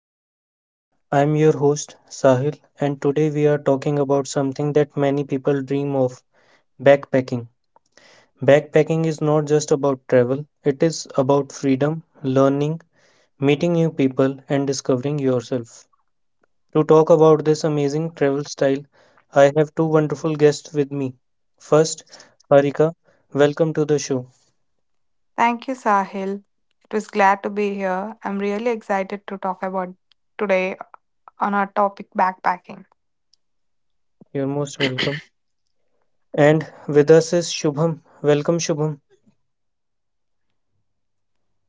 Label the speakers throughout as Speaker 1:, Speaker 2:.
Speaker 1: podcast. I'm your host, Sahil, and today we are talking about something that many people dream of backpacking. Backpacking is not just about travel, it is about freedom, learning, meeting new people, and discovering yourself. To talk about this amazing travel style, I have two wonderful guests with me. First, Harika, welcome to the show.
Speaker 2: Thank you, Sahil. It was glad to be here. I'm really excited to talk about today on our topic backpacking.
Speaker 1: You're most welcome. And with us is Shubham. Welcome, Shubham.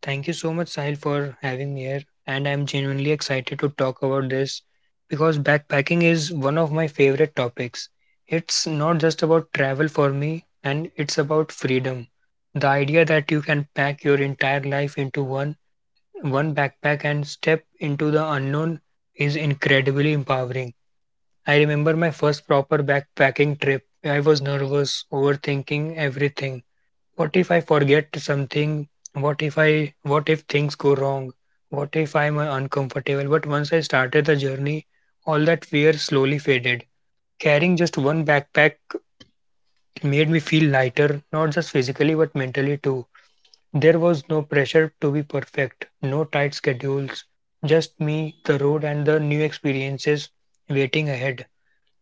Speaker 3: Thank you so much, Sahil, for having me here. And I'm genuinely excited to talk about this because backpacking is one of my favorite topics. It's not just about travel for me, and it's about freedom. The idea that you can pack your entire life into one backpack and step into the unknown is incredibly empowering. I remember my first proper backpacking trip. I was nervous, overthinking everything. What if I forget something? what if i what if things go wrong? What if I'm uncomfortable? But once I started the journey, all that fear slowly faded. Carrying just one backpack made me feel lighter, not just physically but mentally too. There was no pressure to be perfect, no tight schedules, just me, the road, and the new experiences waiting ahead.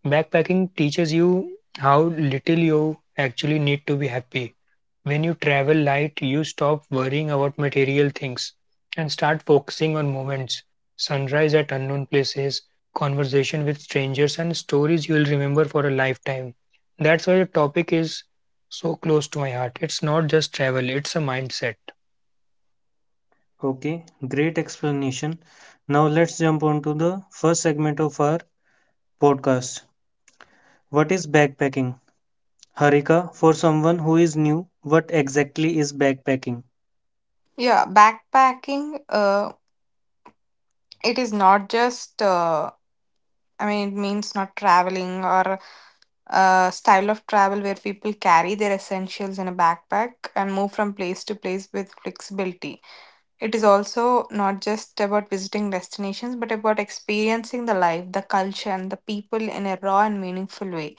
Speaker 3: Backpacking teaches you how little you actually need to be happy. When you travel light, you stop worrying about material things and start focusing on moments, sunrise at unknown places, conversation with strangers, and stories you will remember for a lifetime. That's why the topic is so close to my heart. It's not just travel, it's a mindset.
Speaker 1: Okay, great explanation. Now let's jump on to the first segment of our podcast. What is backpacking? Harika, for someone who is new, what exactly is backpacking?
Speaker 2: Yeah, backpacking It is not just, I mean, it means not traveling or a style of travel where people carry their essentials in a backpack and move from place to place with flexibility. It is also not just about visiting destinations, but about experiencing the life, the culture, and the people in a raw and meaningful way.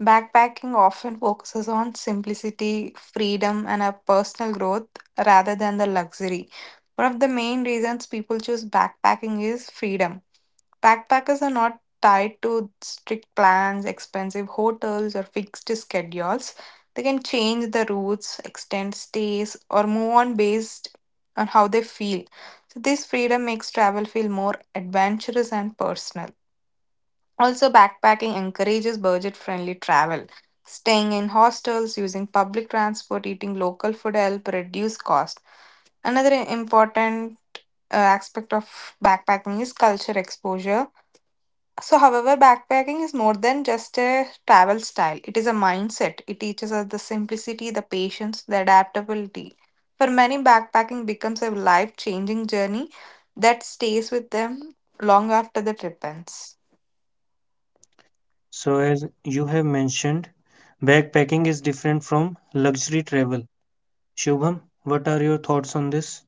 Speaker 2: Backpacking often focuses on simplicity, freedom, and a personal growth rather than the luxury. One of the main reasons people choose backpacking is freedom. Backpackers are not tied to strict plans, expensive hotels, or fixed schedules. They can change the routes, extend stays, or move on based on how they feel. So, this freedom makes travel feel more adventurous and personal. Also, backpacking encourages budget friendly travel. Staying in hostels, using public transport, eating local food help reduce cost. Another important aspect of backpacking is culture exposure. So, however, backpacking is more than just a travel style, it is a mindset. It teaches us the simplicity, the patience, the adaptability. For many, backpacking becomes a life changing journey that stays with them long after the trip ends.
Speaker 1: So, as you have mentioned, backpacking is different from luxury travel. Shubham, what are your thoughts on this?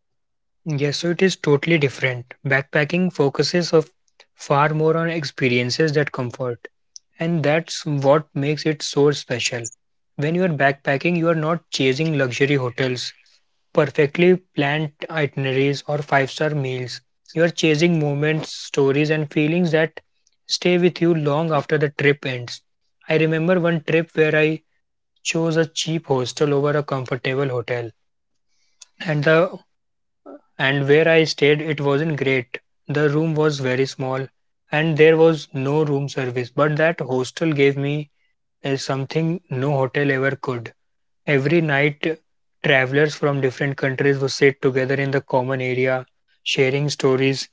Speaker 3: Yes, so it is totally different. Backpacking focuses of far more on experiences that comfort, and that's what makes it so special. When you are backpacking, you are not chasing luxury hotels, perfectly planned itineraries, or five-star meals. You are chasing moments, stories, and feelings that stay with you long after the trip ends. I remember one trip where I chose a cheap hostel over a comfortable hotel, and the and where I stayed, it wasn't great. The room was very small, and there was no room service, but that hostel gave me something no hotel ever could. Every night, travelers from different countries would sit together in the common area, sharing stories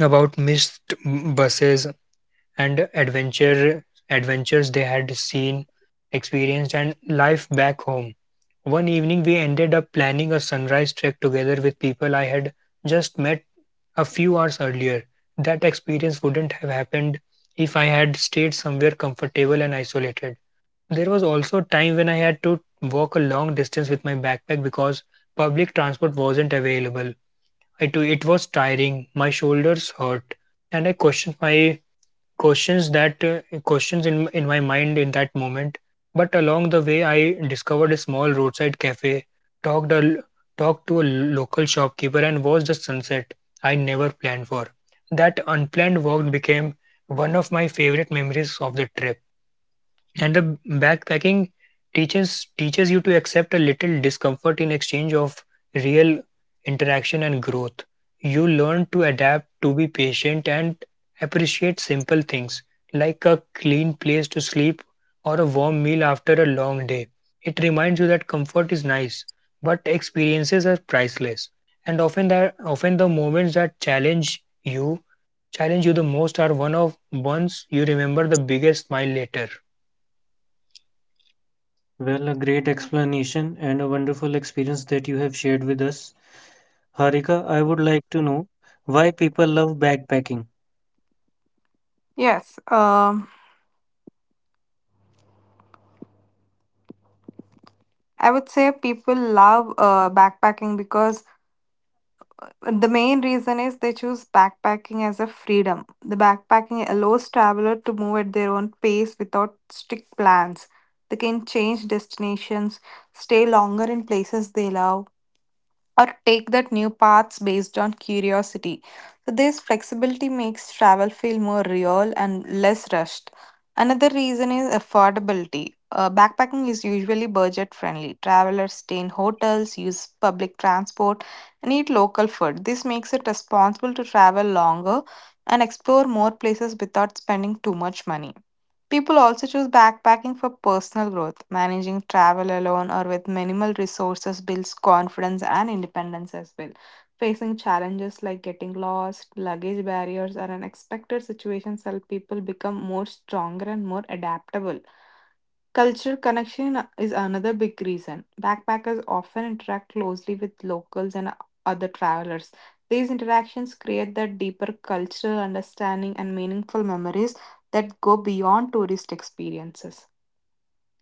Speaker 3: about missed buses and adventures they had seen, experienced, and life back home. One evening, we ended up planning a sunrise trek together with people I had just met a few hours earlier. That experience wouldn't have happened if I had stayed somewhere comfortable and isolated. There was also a time when I had to walk a long distance with my backpack because public transport wasn't available. I too, it was tiring. My shoulders hurt, and I questioned my questions in my mind in that moment. But along the way, I discovered a small roadside cafe, talked a talked to a local shopkeeper, and watched the sunset I never planned for. That unplanned walk became one of my favorite memories of the trip. And the backpacking teaches you to accept a little discomfort in exchange of real interaction and growth. You learn to adapt, to be patient, and appreciate simple things like a clean place to sleep or a warm meal after a long day. It reminds you that comfort is nice, but experiences are priceless. And often the moments that you challenge you the most are ones you remember the biggest smile later.
Speaker 1: Well, a great explanation and a wonderful experience that you have shared with us. Harika, I would like to know why people love backpacking.
Speaker 2: Yes, um, I would say people love backpacking because the main reason is they choose backpacking as a freedom. The backpacking allows traveler to move at their own pace without strict plans. They can change destinations, stay longer in places they love, or take that new paths based on curiosity. So this flexibility makes travel feel more real and less rushed. Another reason is affordability. Backpacking is usually budget friendly. Travelers stay in hotels, use public transport, and eat local food. This makes it responsible to travel longer and explore more places without spending too much money. People also choose backpacking for personal growth. Managing travel alone or with minimal resources builds confidence and independence as well. Facing challenges like getting lost, luggage barriers, or unexpected situations help people become more stronger and more adaptable. Cultural connection is another big reason. Backpackers often interact closely with locals and other travelers. These interactions create that deeper cultural understanding and meaningful memories that go beyond tourist experiences.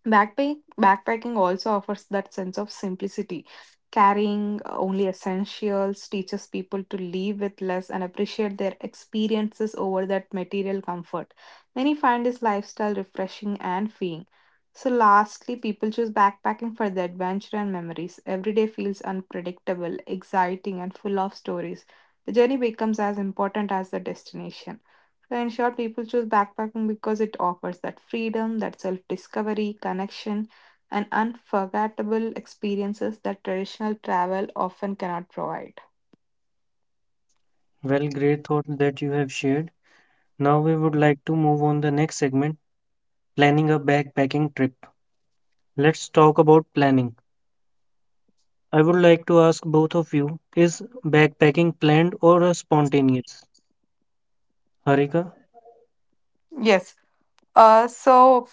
Speaker 2: Backpacking also offers that sense of simplicity. Carrying only essentials teaches people to live with less and appreciate their experiences over that material comfort. Many find this lifestyle refreshing and freeing. So, lastly, people choose backpacking for the adventure and memories. Every day feels unpredictable, exciting, and full of stories. The journey becomes as important as the destination. So, in short, people choose backpacking because it offers that freedom, that self discovery, connection, and unforgettable experiences that traditional travel often cannot provide.
Speaker 1: Well, great thought that you have shared. Now we would like to move on the next segment, planning a backpacking trip. Let's talk about planning. I would like to ask both of you, is backpacking planned or a spontaneous? Harika,
Speaker 2: Yes. Uh, so,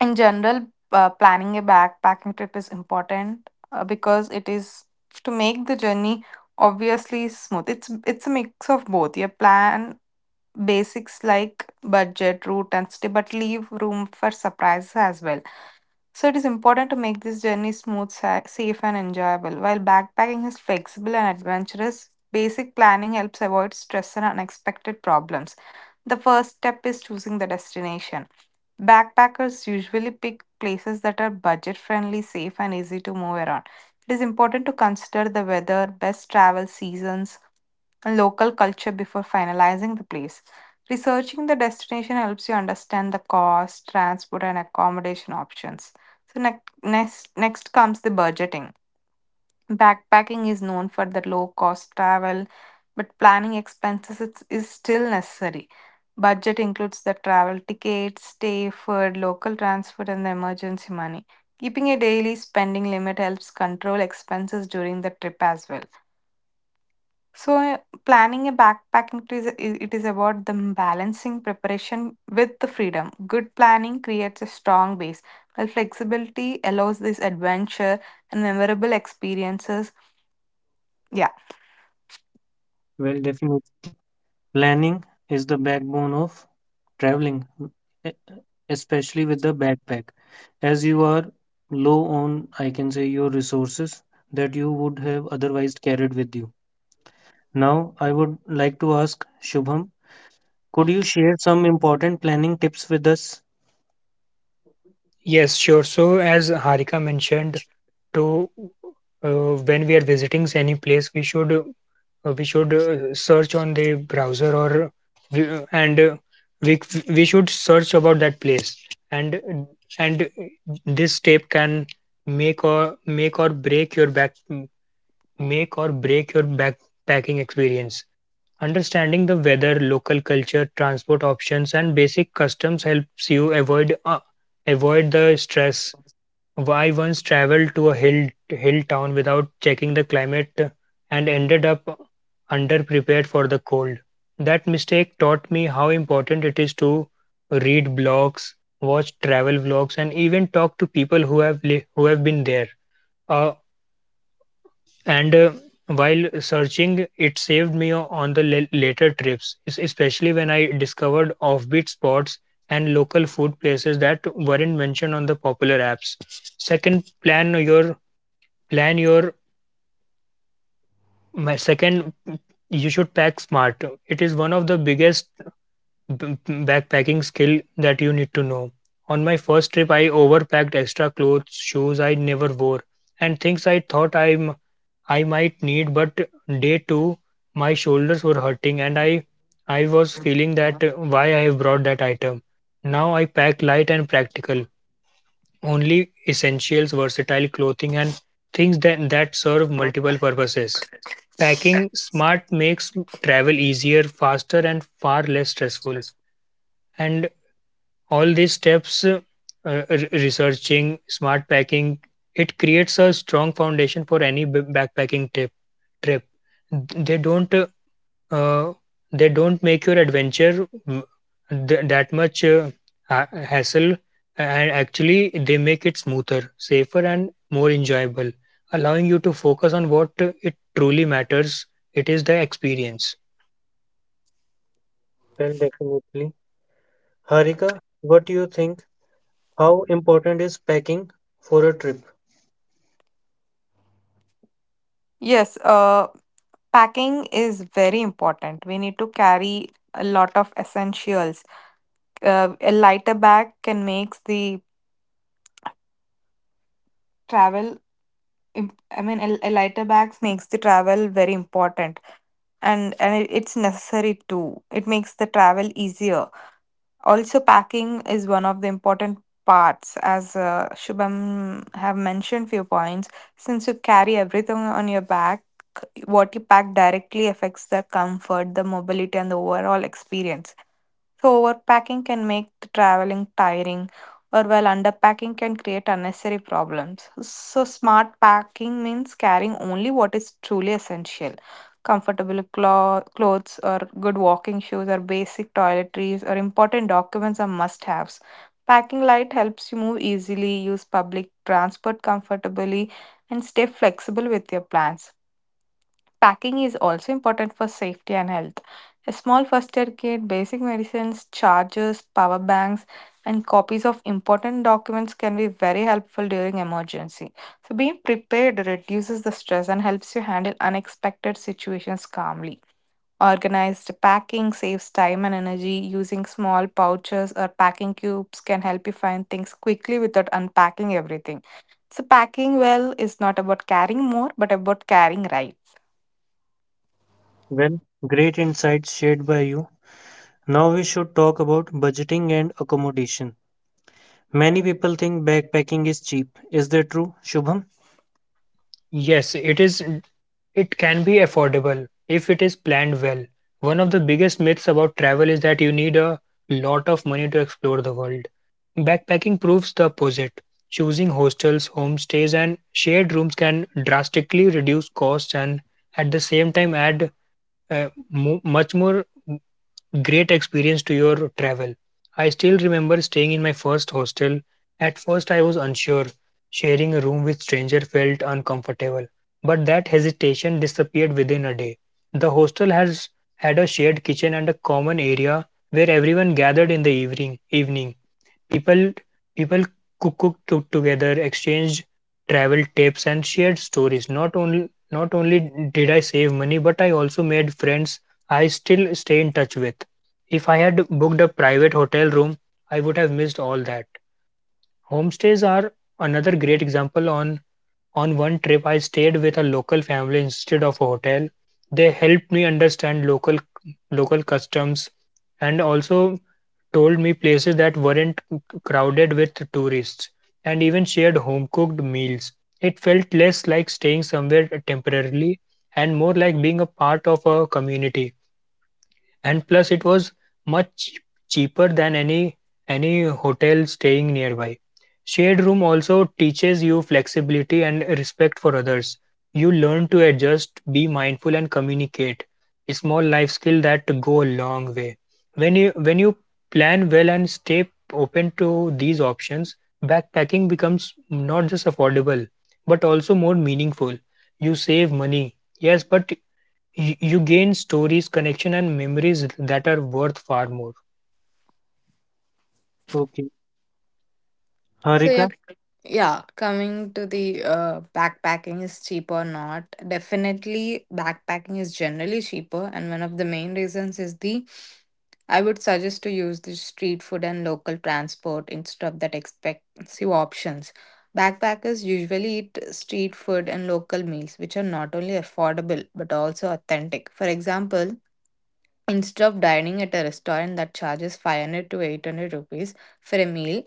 Speaker 2: in general, planning a backpacking trip is important because it is to make the journey obviously smooth. It's a mix of both. You plan basics like budget, route, and stay, but leave room for surprises as well. So it is important to make this journey smooth, safe, and enjoyable. While backpacking is flexible and adventurous, basic planning helps avoid stress and unexpected problems. The first step is choosing the destination. Backpackers usually pick places that are budget friendly, safe, and easy to move around. It is important to consider the weather, best travel seasons, and local culture before finalizing the place. Researching the destination helps you understand the cost, transport, and accommodation options. So, next comes the budgeting. Backpacking is known for the low cost travel, but planning expenses is still necessary. Budget includes the travel tickets, stay, food, local transport, and the emergency money. Keeping a daily spending limit helps control expenses during the trip as well. So, planning a backpacking trip is it is about the balancing preparation with the freedom. Good planning creates a strong base, while flexibility allows this adventure and memorable experiences. Yeah,
Speaker 1: well, definitely. Planning is the backbone of traveling, e- especially with the backpack. As you are low on, I can say, your resources that you would have otherwise carried with you. Now, I would like to ask Shubham. Could you share some important planning tips with us?
Speaker 3: Yes, sure. So, as Harika mentioned, to when we are visiting any place, we should search on the browser, or we, and uh, we we should search about that place, and and this step can make or break your back make or break your backpacking experience. Understanding the weather, local culture, transport options, and basic customs helps you avoid the stress. I once traveled to a hill town without checking the climate and ended up underprepared for the cold. That mistake taught me how important it is to read blogs, watch travel vlogs, and even talk to people who have li- who have been there. Uh, and while searching, it saved me on the later trips, especially when I discovered offbeat spots and local food places that weren't mentioned on the popular apps. Second plan your plan your my second you should pack smart. It is one of the biggest backpacking skill that you need to know. On my first trip, I overpacked extra clothes, shoes I never wore, and things I thought I might need, but day 2, my shoulders were hurting and I was feeling that why I have brought that item. Now I pack light and practical, only essentials, versatile clothing, and things that serve multiple purposes. Packing smart makes travel easier, faster, and far less stressful. And all these steps, researching, smart packing, it creates a strong foundation for any backpacking trip. They don't uh, they don't make your adventure that much hassle, and actually they make it smoother, safer, and more enjoyable, allowing you to focus on what it truly matters. It is the experience.
Speaker 1: Well, definitely. Harika, what do you think? How important is packing for a trip?
Speaker 2: yes. Uh, Packing is very important. We need to carry a lot of essentials. A lighter bag can makes the travel. Im- I mean, a lighter bags makes the travel very important and it's necessary too. It makes the travel easier. Also, packing is one of the important parts, as Shubham have mentioned few points. Since you carry everything on your back, what you pack directly affects the comfort, the mobility, and the overall experience. So overpacking can make the traveling tiring, or while underpacking can create unnecessary problems. So smart packing means carrying only what is truly essential. Comfortable clothes, or good walking shoes, or basic toiletries, or important documents are must haves. Packing light helps you move easily, use public transport comfortably, and stay flexible with your plans. Packing is also important for safety and health. A small first aid kit, basic medicines, chargers, power banks, and copies of important documents can be very helpful during emergency. So being prepared reduces the stress and helps you handle unexpected situations calmly. Organized packing saves time and energy. Using small pouches or packing cubes can help you find things quickly without unpacking everything. So packing well is not about carrying more but about carrying right.
Speaker 1: Well, great insights shared by you. Now we should talk about budgeting and accommodation. Many people think backpacking is cheap. Is that true, Shubham?
Speaker 3: Yes, it can be affordable if it is planned well. One of the biggest myths about travel is that you need a lot of money to explore the world. Backpacking proves the opposite. Choosing hostels, homestays, and shared rooms can drastically reduce costs and at the same time add much more great experience to your travel. I still remember staying in my first hostel. At first, I was unsure. Sharing a room with stranger felt uncomfortable, but that hesitation disappeared within a day. The hostel has had a shared kitchen and a common area where everyone gathered in the evening. People people cooked together, exchanged travel tips, and shared stories. Not only did I save money, but I also made friends I still stay in touch with. If I had booked a private hotel room, I would have missed all that. Homestays are another great example. On one trip, I stayed with a local family instead of a hotel. They helped me understand local customs and also told me places that weren't crowded with tourists and even shared home cooked meals. It felt less like staying somewhere temporarily and more like being a part of a community, and plus it was much cheaper than any hotel staying nearby. Shared room also teaches you flexibility and respect for others. You learn to adjust, be mindful, and communicate, a small life skill that go a long way. When you plan well and stay open to these options, backpacking becomes not just affordable but also more meaningful. You save money, yes, but you gain stories, connection, and memories that are worth far more.
Speaker 1: Okay.
Speaker 2: So yeah,
Speaker 1: Harika,
Speaker 2: yeah. Coming to the backpacking is cheap or not? Definitely, backpacking is generally cheaper, and one of the main reasons is the. I would suggest to use the street food and local transport instead of that expensive options. Backpackers usually eat street food and local meals, which are not only affordable but also authentic. For example, instead of dining at a restaurant that charges 500 to 800 rupees for a meal,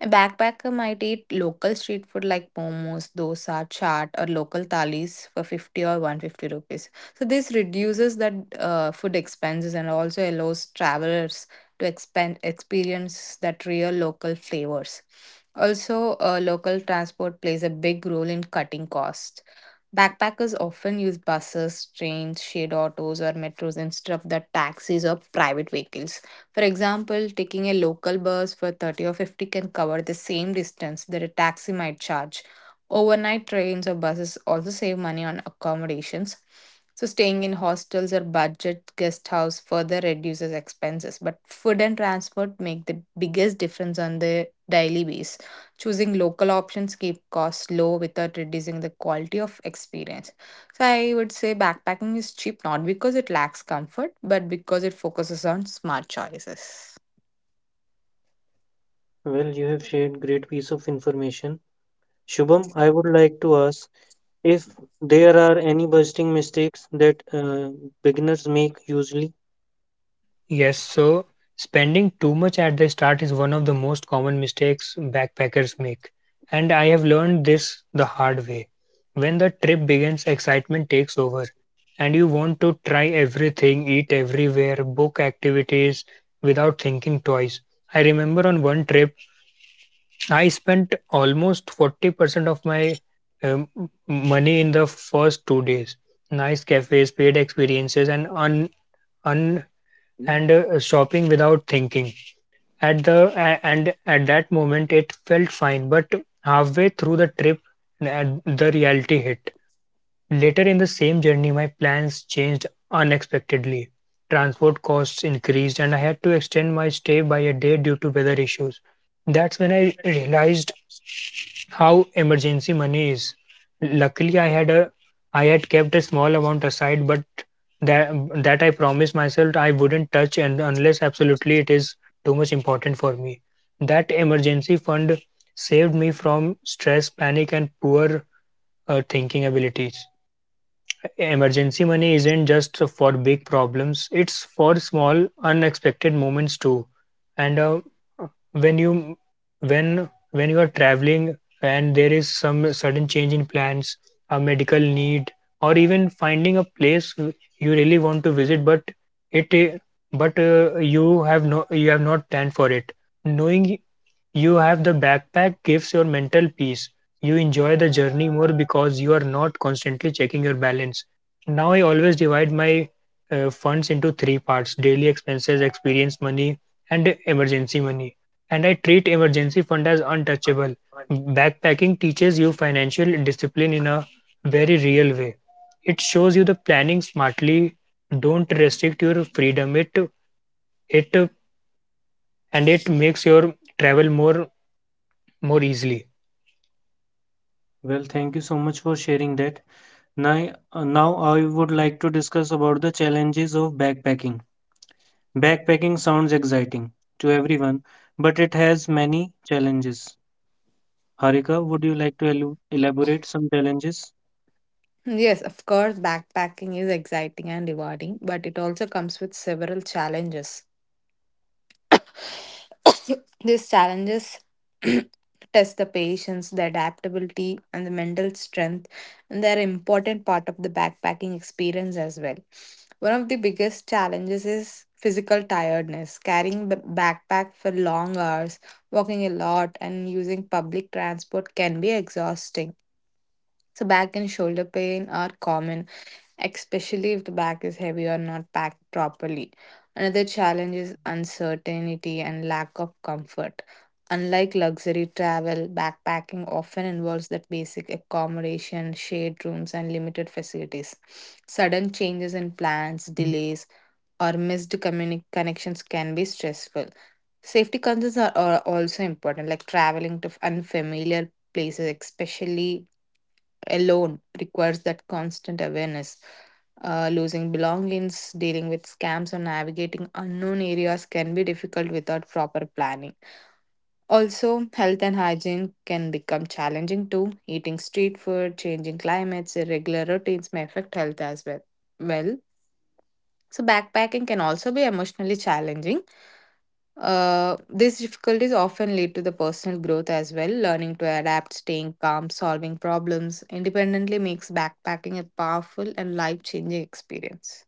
Speaker 2: a backpacker might eat local street food like momos, dosa, chaat, or local thalis for 50 or 150 rupees. So this reduces that food expenses and also allows travelers to expand experience that real local flavors. Also, local transport plays a big role in cutting costs. Backpackers often use buses, trains, shared autos, or metros instead of the taxis or private vehicles. For example, taking a local bus for 30 or 50 can cover the same distance that a taxi might charge. Overnight trains or buses also save money on accommodations. So, staying in hostels or budget guest house further reduces expenses. But food and transport make the biggest difference on the daily basis. Choosing local options keep costs low without reducing the quality of experience. So I would say backpacking is cheap not because it lacks comfort, but because it focuses on smart choices.
Speaker 1: well, you have shared great piece of information. Shubham, I would like to ask if there are any budgeting mistakes that beginners make usually.
Speaker 3: Yes, so spending too much at the start is one of the most common mistakes backpackers make. And I have learned this the hard way. When the trip begins, excitement takes over, and you want to try everything, eat everywhere, book activities without thinking twice. I remember on one trip, I spent almost 40% of my um, money in the first 2 days. Nice cafes, paid experiences, and un, un and shopping without thinking. At the a- and at that moment, it felt fine. But halfway through the trip, the reality hit. Later in the same journey, my plans changed unexpectedly. Transport costs increased, and I had to extend my stay by a day due to weather issues. That's when I realized how emergency money is. Luckily, I had kept a small amount aside, but that that I promised myself I wouldn't touch, and unless absolutely it is too much important for me. That emergency fund saved me from stress, panic, and poor thinking abilities. Emergency money isn't just for big problems, it's for small, unexpected moments too. And uh, when you when when you are traveling and there is some sudden change in plans, a medical need, or even finding a place you really want to visit, it uh, but you have not planned for it. Knowing you have the backpack gives your mental peace. You enjoy the journey more because you are not constantly checking your balance. Now I always divide my funds into three parts: daily expenses, experience money, and emergency money. And I treat emergency fund as untouchable. Backpacking teaches you financial discipline in a very real way. It shows you the planning smartly. Don't restrict your freedom. It uh, it makes your travel more easily.
Speaker 1: Well, thank you so much for sharing that. Now, now I would like to discuss about the challenges of backpacking. Backpacking sounds exciting to everyone, but it has many challenges. Harika, would you like to elaborate some challenges?
Speaker 2: Yes, of course, backpacking is exciting and rewarding, but it also comes with several challenges. These challenges test the patience, the adaptability, and the mental strength, and they're an important part of the backpacking experience as well. One of the biggest challenges is physical tiredness. Carrying the backpack for long hours, walking a lot, and using public transport can be exhausting. So, back and shoulder pain are common, especially if the bag is heavy or not packed properly. Another challenge is uncertainty and lack of comfort. Unlike luxury travel, backpacking often involves that basic accommodation, shared rooms, and limited facilities. Sudden changes in plans, delays, or missed connections can be stressful. Safety concerns are also important, like traveling to unfamiliar places, especially alone requires that constant awareness. Losing belongings, dealing with scams, or navigating unknown areas can be difficult without proper planning. Also, health and hygiene can become challenging too. Eating street food, changing climates, irregular routines may affect health as well. Well, so backpacking can also be emotionally challenging. These difficulties often lead to the personal growth as well. Learning to adapt, staying calm, solving problems independently makes backpacking a powerful and life changing experience.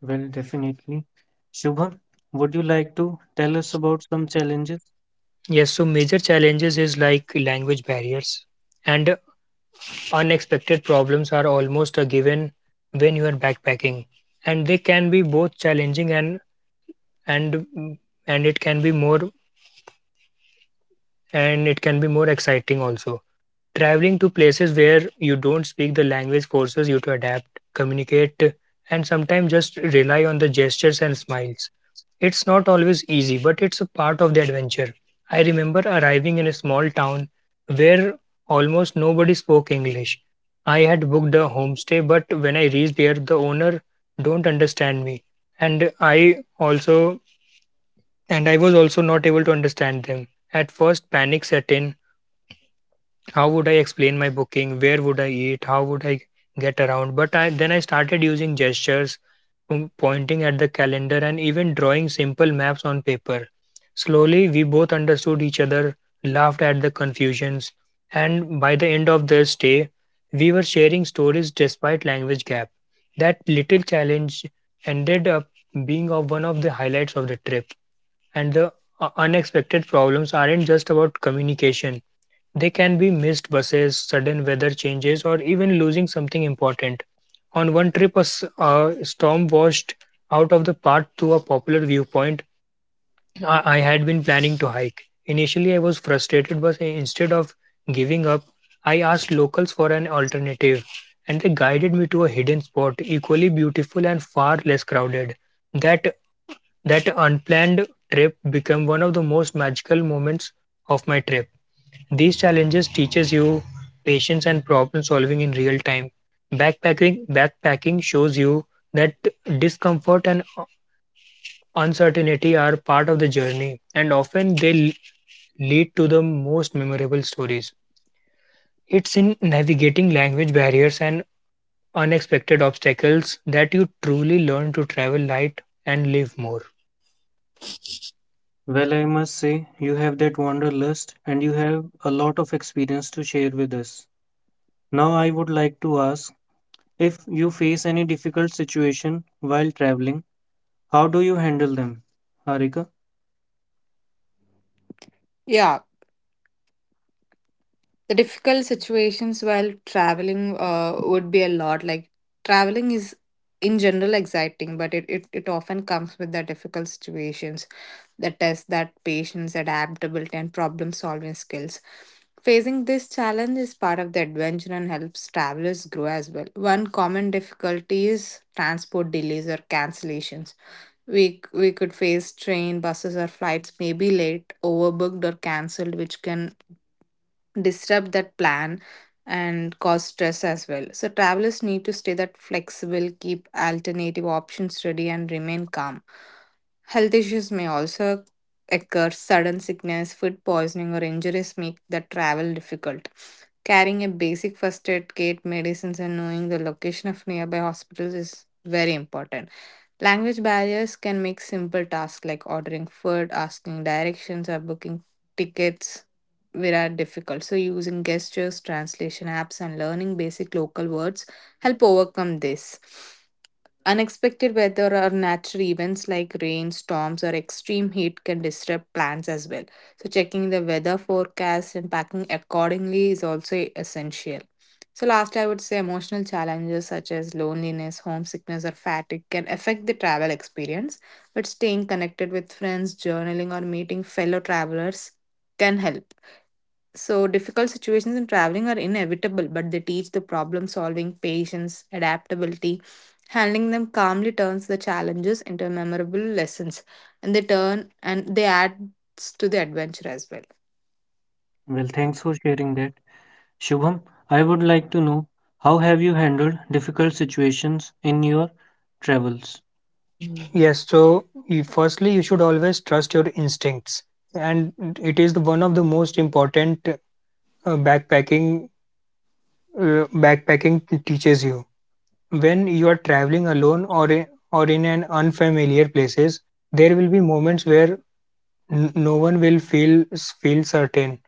Speaker 1: Well, definitely. Shubham, would you like to tell us about some challenges?
Speaker 3: Yes, so major challenges is like language barriers and unexpected problems are almost a given when you are backpacking, and they can be both challenging and mm, and it can be more exciting also. Traveling to places where you don't speak the language forces you to adapt, communicate, and sometimes just rely on the gestures and smiles. It's not always easy, but it's a part of the adventure. I remember arriving in a small town where almost nobody spoke English. I had booked a homestay, but when I reached there, the owner don't understand me, and I also and I was also not able to understand them. At first, panic set in. How would I explain my booking? Where would I eat? How would I get around? But I then I started using gestures, pointing at the calendar, and even drawing simple maps on paper. Slowly, we both understood each other, laughed at the confusions, and by the end of the stay, we were sharing stories despite language gap. That little challenge ended up being of one of the highlights of the trip, and the unexpected problems aren't just about communication. They can be missed buses, sudden weather changes, or even losing something important. On one trip, a storm washed out of the path to a popular viewpoint I had been planning to hike. Initially, I was frustrated, but instead of giving up, I asked locals for an alternative, and they guided me to a hidden spot equally beautiful and far less crowded. That that unplanned trip became one of the most magical moments of my trip. These challenges teaches you patience and problem solving in real time. Backpacking shows you that discomfort and uncertainty are part of the journey, and often they lead to the most memorable stories. It's in navigating language barriers and unexpected obstacles that you truly learn to travel light and live more.
Speaker 1: Well, I must say you have that wanderlust and you have a lot of experience to share with us. Now, I would like to ask if you face any difficult situation while traveling, how do you handle them? Harika?
Speaker 2: Yeah, the difficult situations while traveling would be a lot like traveling is in general exciting, but it often comes with the difficult situations that test that patience, adaptability, and problem solving skills. Facing this challenge is part of the adventure and helps travelers grow as well. One common difficulty is transport delays or cancellations. We could face train, buses, or flights may be late, overbooked, or cancelled, which can disrupt that plan and cause stress as well. So travelers need to stay that flexible, keep alternative options ready, and remain calm. Health issues may also occur. Sudden sickness, food poisoning, or injuries make the travel difficult. Carrying a basic first aid kit, medicines, and knowing the location of nearby hospitals is very important. Language barriers can make simple tasks like ordering food, asking directions, or booking tickets where are difficult. So, using gestures, translation apps, and learning basic local words help overcome this. Unexpected weather or natural events like rain, storms, or extreme heat can disrupt plans as well. So, checking the weather forecast and packing accordingly is also essential. So, last, I would say emotional challenges such as loneliness, homesickness, or fatigue can affect the travel experience, but staying connected with friends, journaling, or meeting fellow travelers can help. So, difficult situations in traveling are inevitable, but they teach the problem solving, patience, adaptability. Handling them calmly turns the challenges into memorable lessons, and they turn and they add to the adventure as well.
Speaker 1: Well, thanks for sharing that. Shubham, I would like to know how have you handled difficult situations in your travels?
Speaker 3: Yes, so you, firstly, you should always trust your instincts, and it is the, one of the most important backpacking, backpacking teaches you. When you are traveling alone or in an unfamiliar places, there will be moments where no one will feel certain,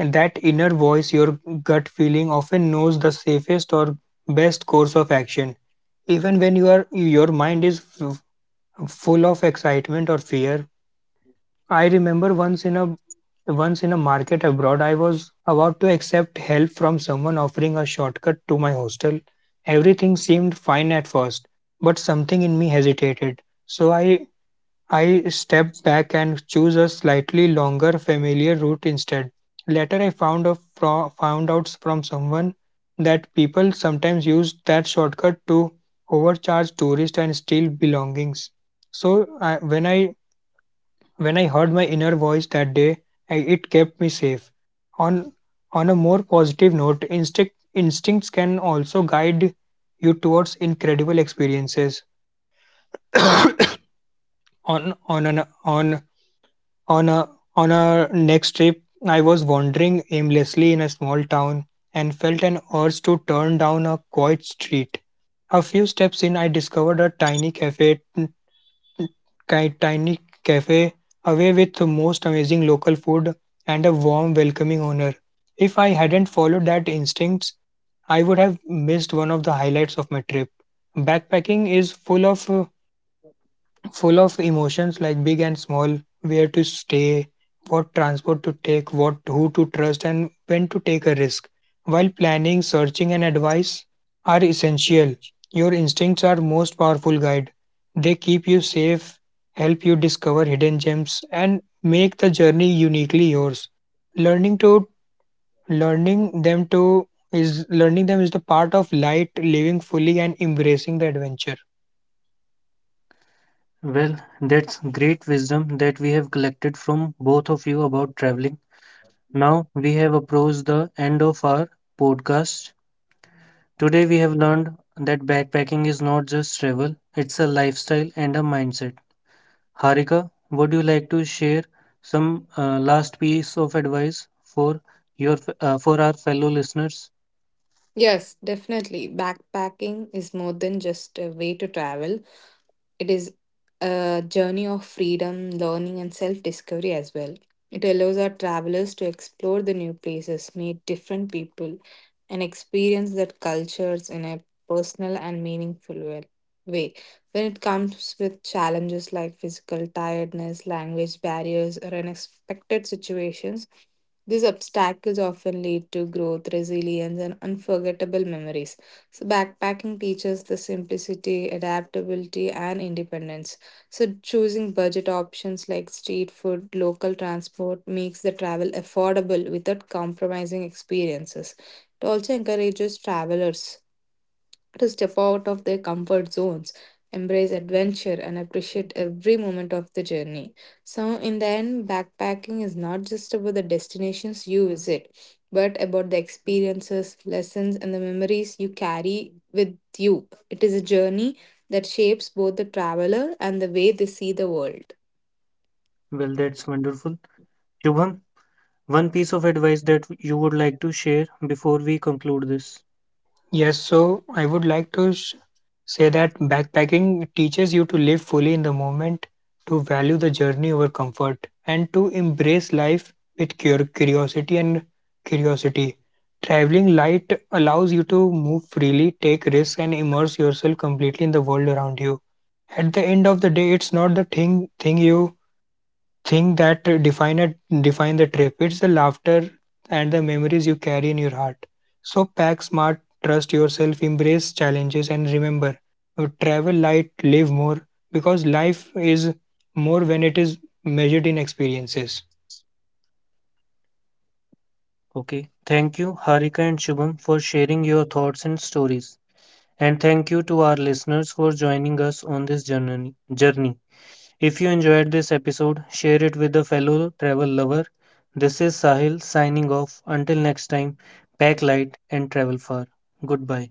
Speaker 3: and that inner voice, your gut feeling, often knows the safest or best course of action, even when your mind is full of excitement or fear. I remember once in a market abroad, I was about to accept help from someone offering a shortcut to my hostel. Everything seemed fine at first, but something in me hesitated. So I stepped back and chose a slightly longer familiar route instead. Later I found out from someone that people sometimes use that shortcut to overcharge tourists and steal belongings. So I, when I heard my inner voice that day, I, it kept me safe. On on a more positive note, instincts can also guide you towards incredible experiences. On an on a on a next trip, I was wandering aimlessly in a small town and felt an urge to turn down a quiet street. A few steps in, I discovered a tiny ki- tiny cafe away with the most amazing local food and a warm, welcoming owner. If I hadn't followed that instincts, I would have missed one of the highlights of my trip. Backpacking is full of emotions like big and small: where to stay, what transport to take, what who to trust and when to take a risk. While planning, searching and advice are essential, your instincts are most powerful guide. They keep you safe, help you discover hidden gems and make the journey uniquely yours. Learning to learning them to is learning them is the part of light living fully and embracing the adventure.
Speaker 1: Well, that's great wisdom that we have collected from both of you about traveling. Now we have approached the end of our podcast. Today we have learned that backpacking is not just travel, it's a lifestyle and a mindset. Harika, would you like to share some last piece of advice for your for our fellow listeners?
Speaker 2: Yes, definitely. Backpacking is more than just a way to travel, it is a journey of freedom, learning, and self discovery as well. It allows our travelers to explore the new places, meet different people, and experience their cultures in a personal and meaningful way. When it comes with challenges like physical tiredness, language barriers, or unexpected situations, these obstacles often lead to growth, resilience, and unforgettable memories. So, backpacking teaches the simplicity, adaptability, and independence. So, choosing budget options like street food, local transport makes the travel affordable without compromising experiences. It also encourages travelers to step out of their comfort zones, embrace adventure, and appreciate every moment of the journey. So, in the end, backpacking is not just about the destinations you visit, but about the experiences, lessons, and the memories you carry with you. It is a journey that shapes both the traveler and the way they see the world.
Speaker 1: Well, that's wonderful. Shubham, one piece of advice that you would like to share before we conclude this.
Speaker 3: Yes, so I would like to say that backpacking teaches you to live fully in the moment, to value the journey over comfort, and to embrace life with curiosity and curiosity. Traveling light allows you to move freely, take risks, and immerse yourself completely in the world around you. At the end of the day, it's not the thing that define the trip. It's the laughter and the memories you carry in your heart. So pack smart, trust yourself, embrace challenges, and remember, travel light, live more, because life is more when it is measured in experiences.
Speaker 1: Okay. Thank you, Harika and Shubham, for sharing your thoughts and stories. And thank you to our listeners for joining us on this journey. If you enjoyed this episode, share it with a fellow travel lover. This is Sahil signing off. Until next time, pack light and travel far. Goodbye.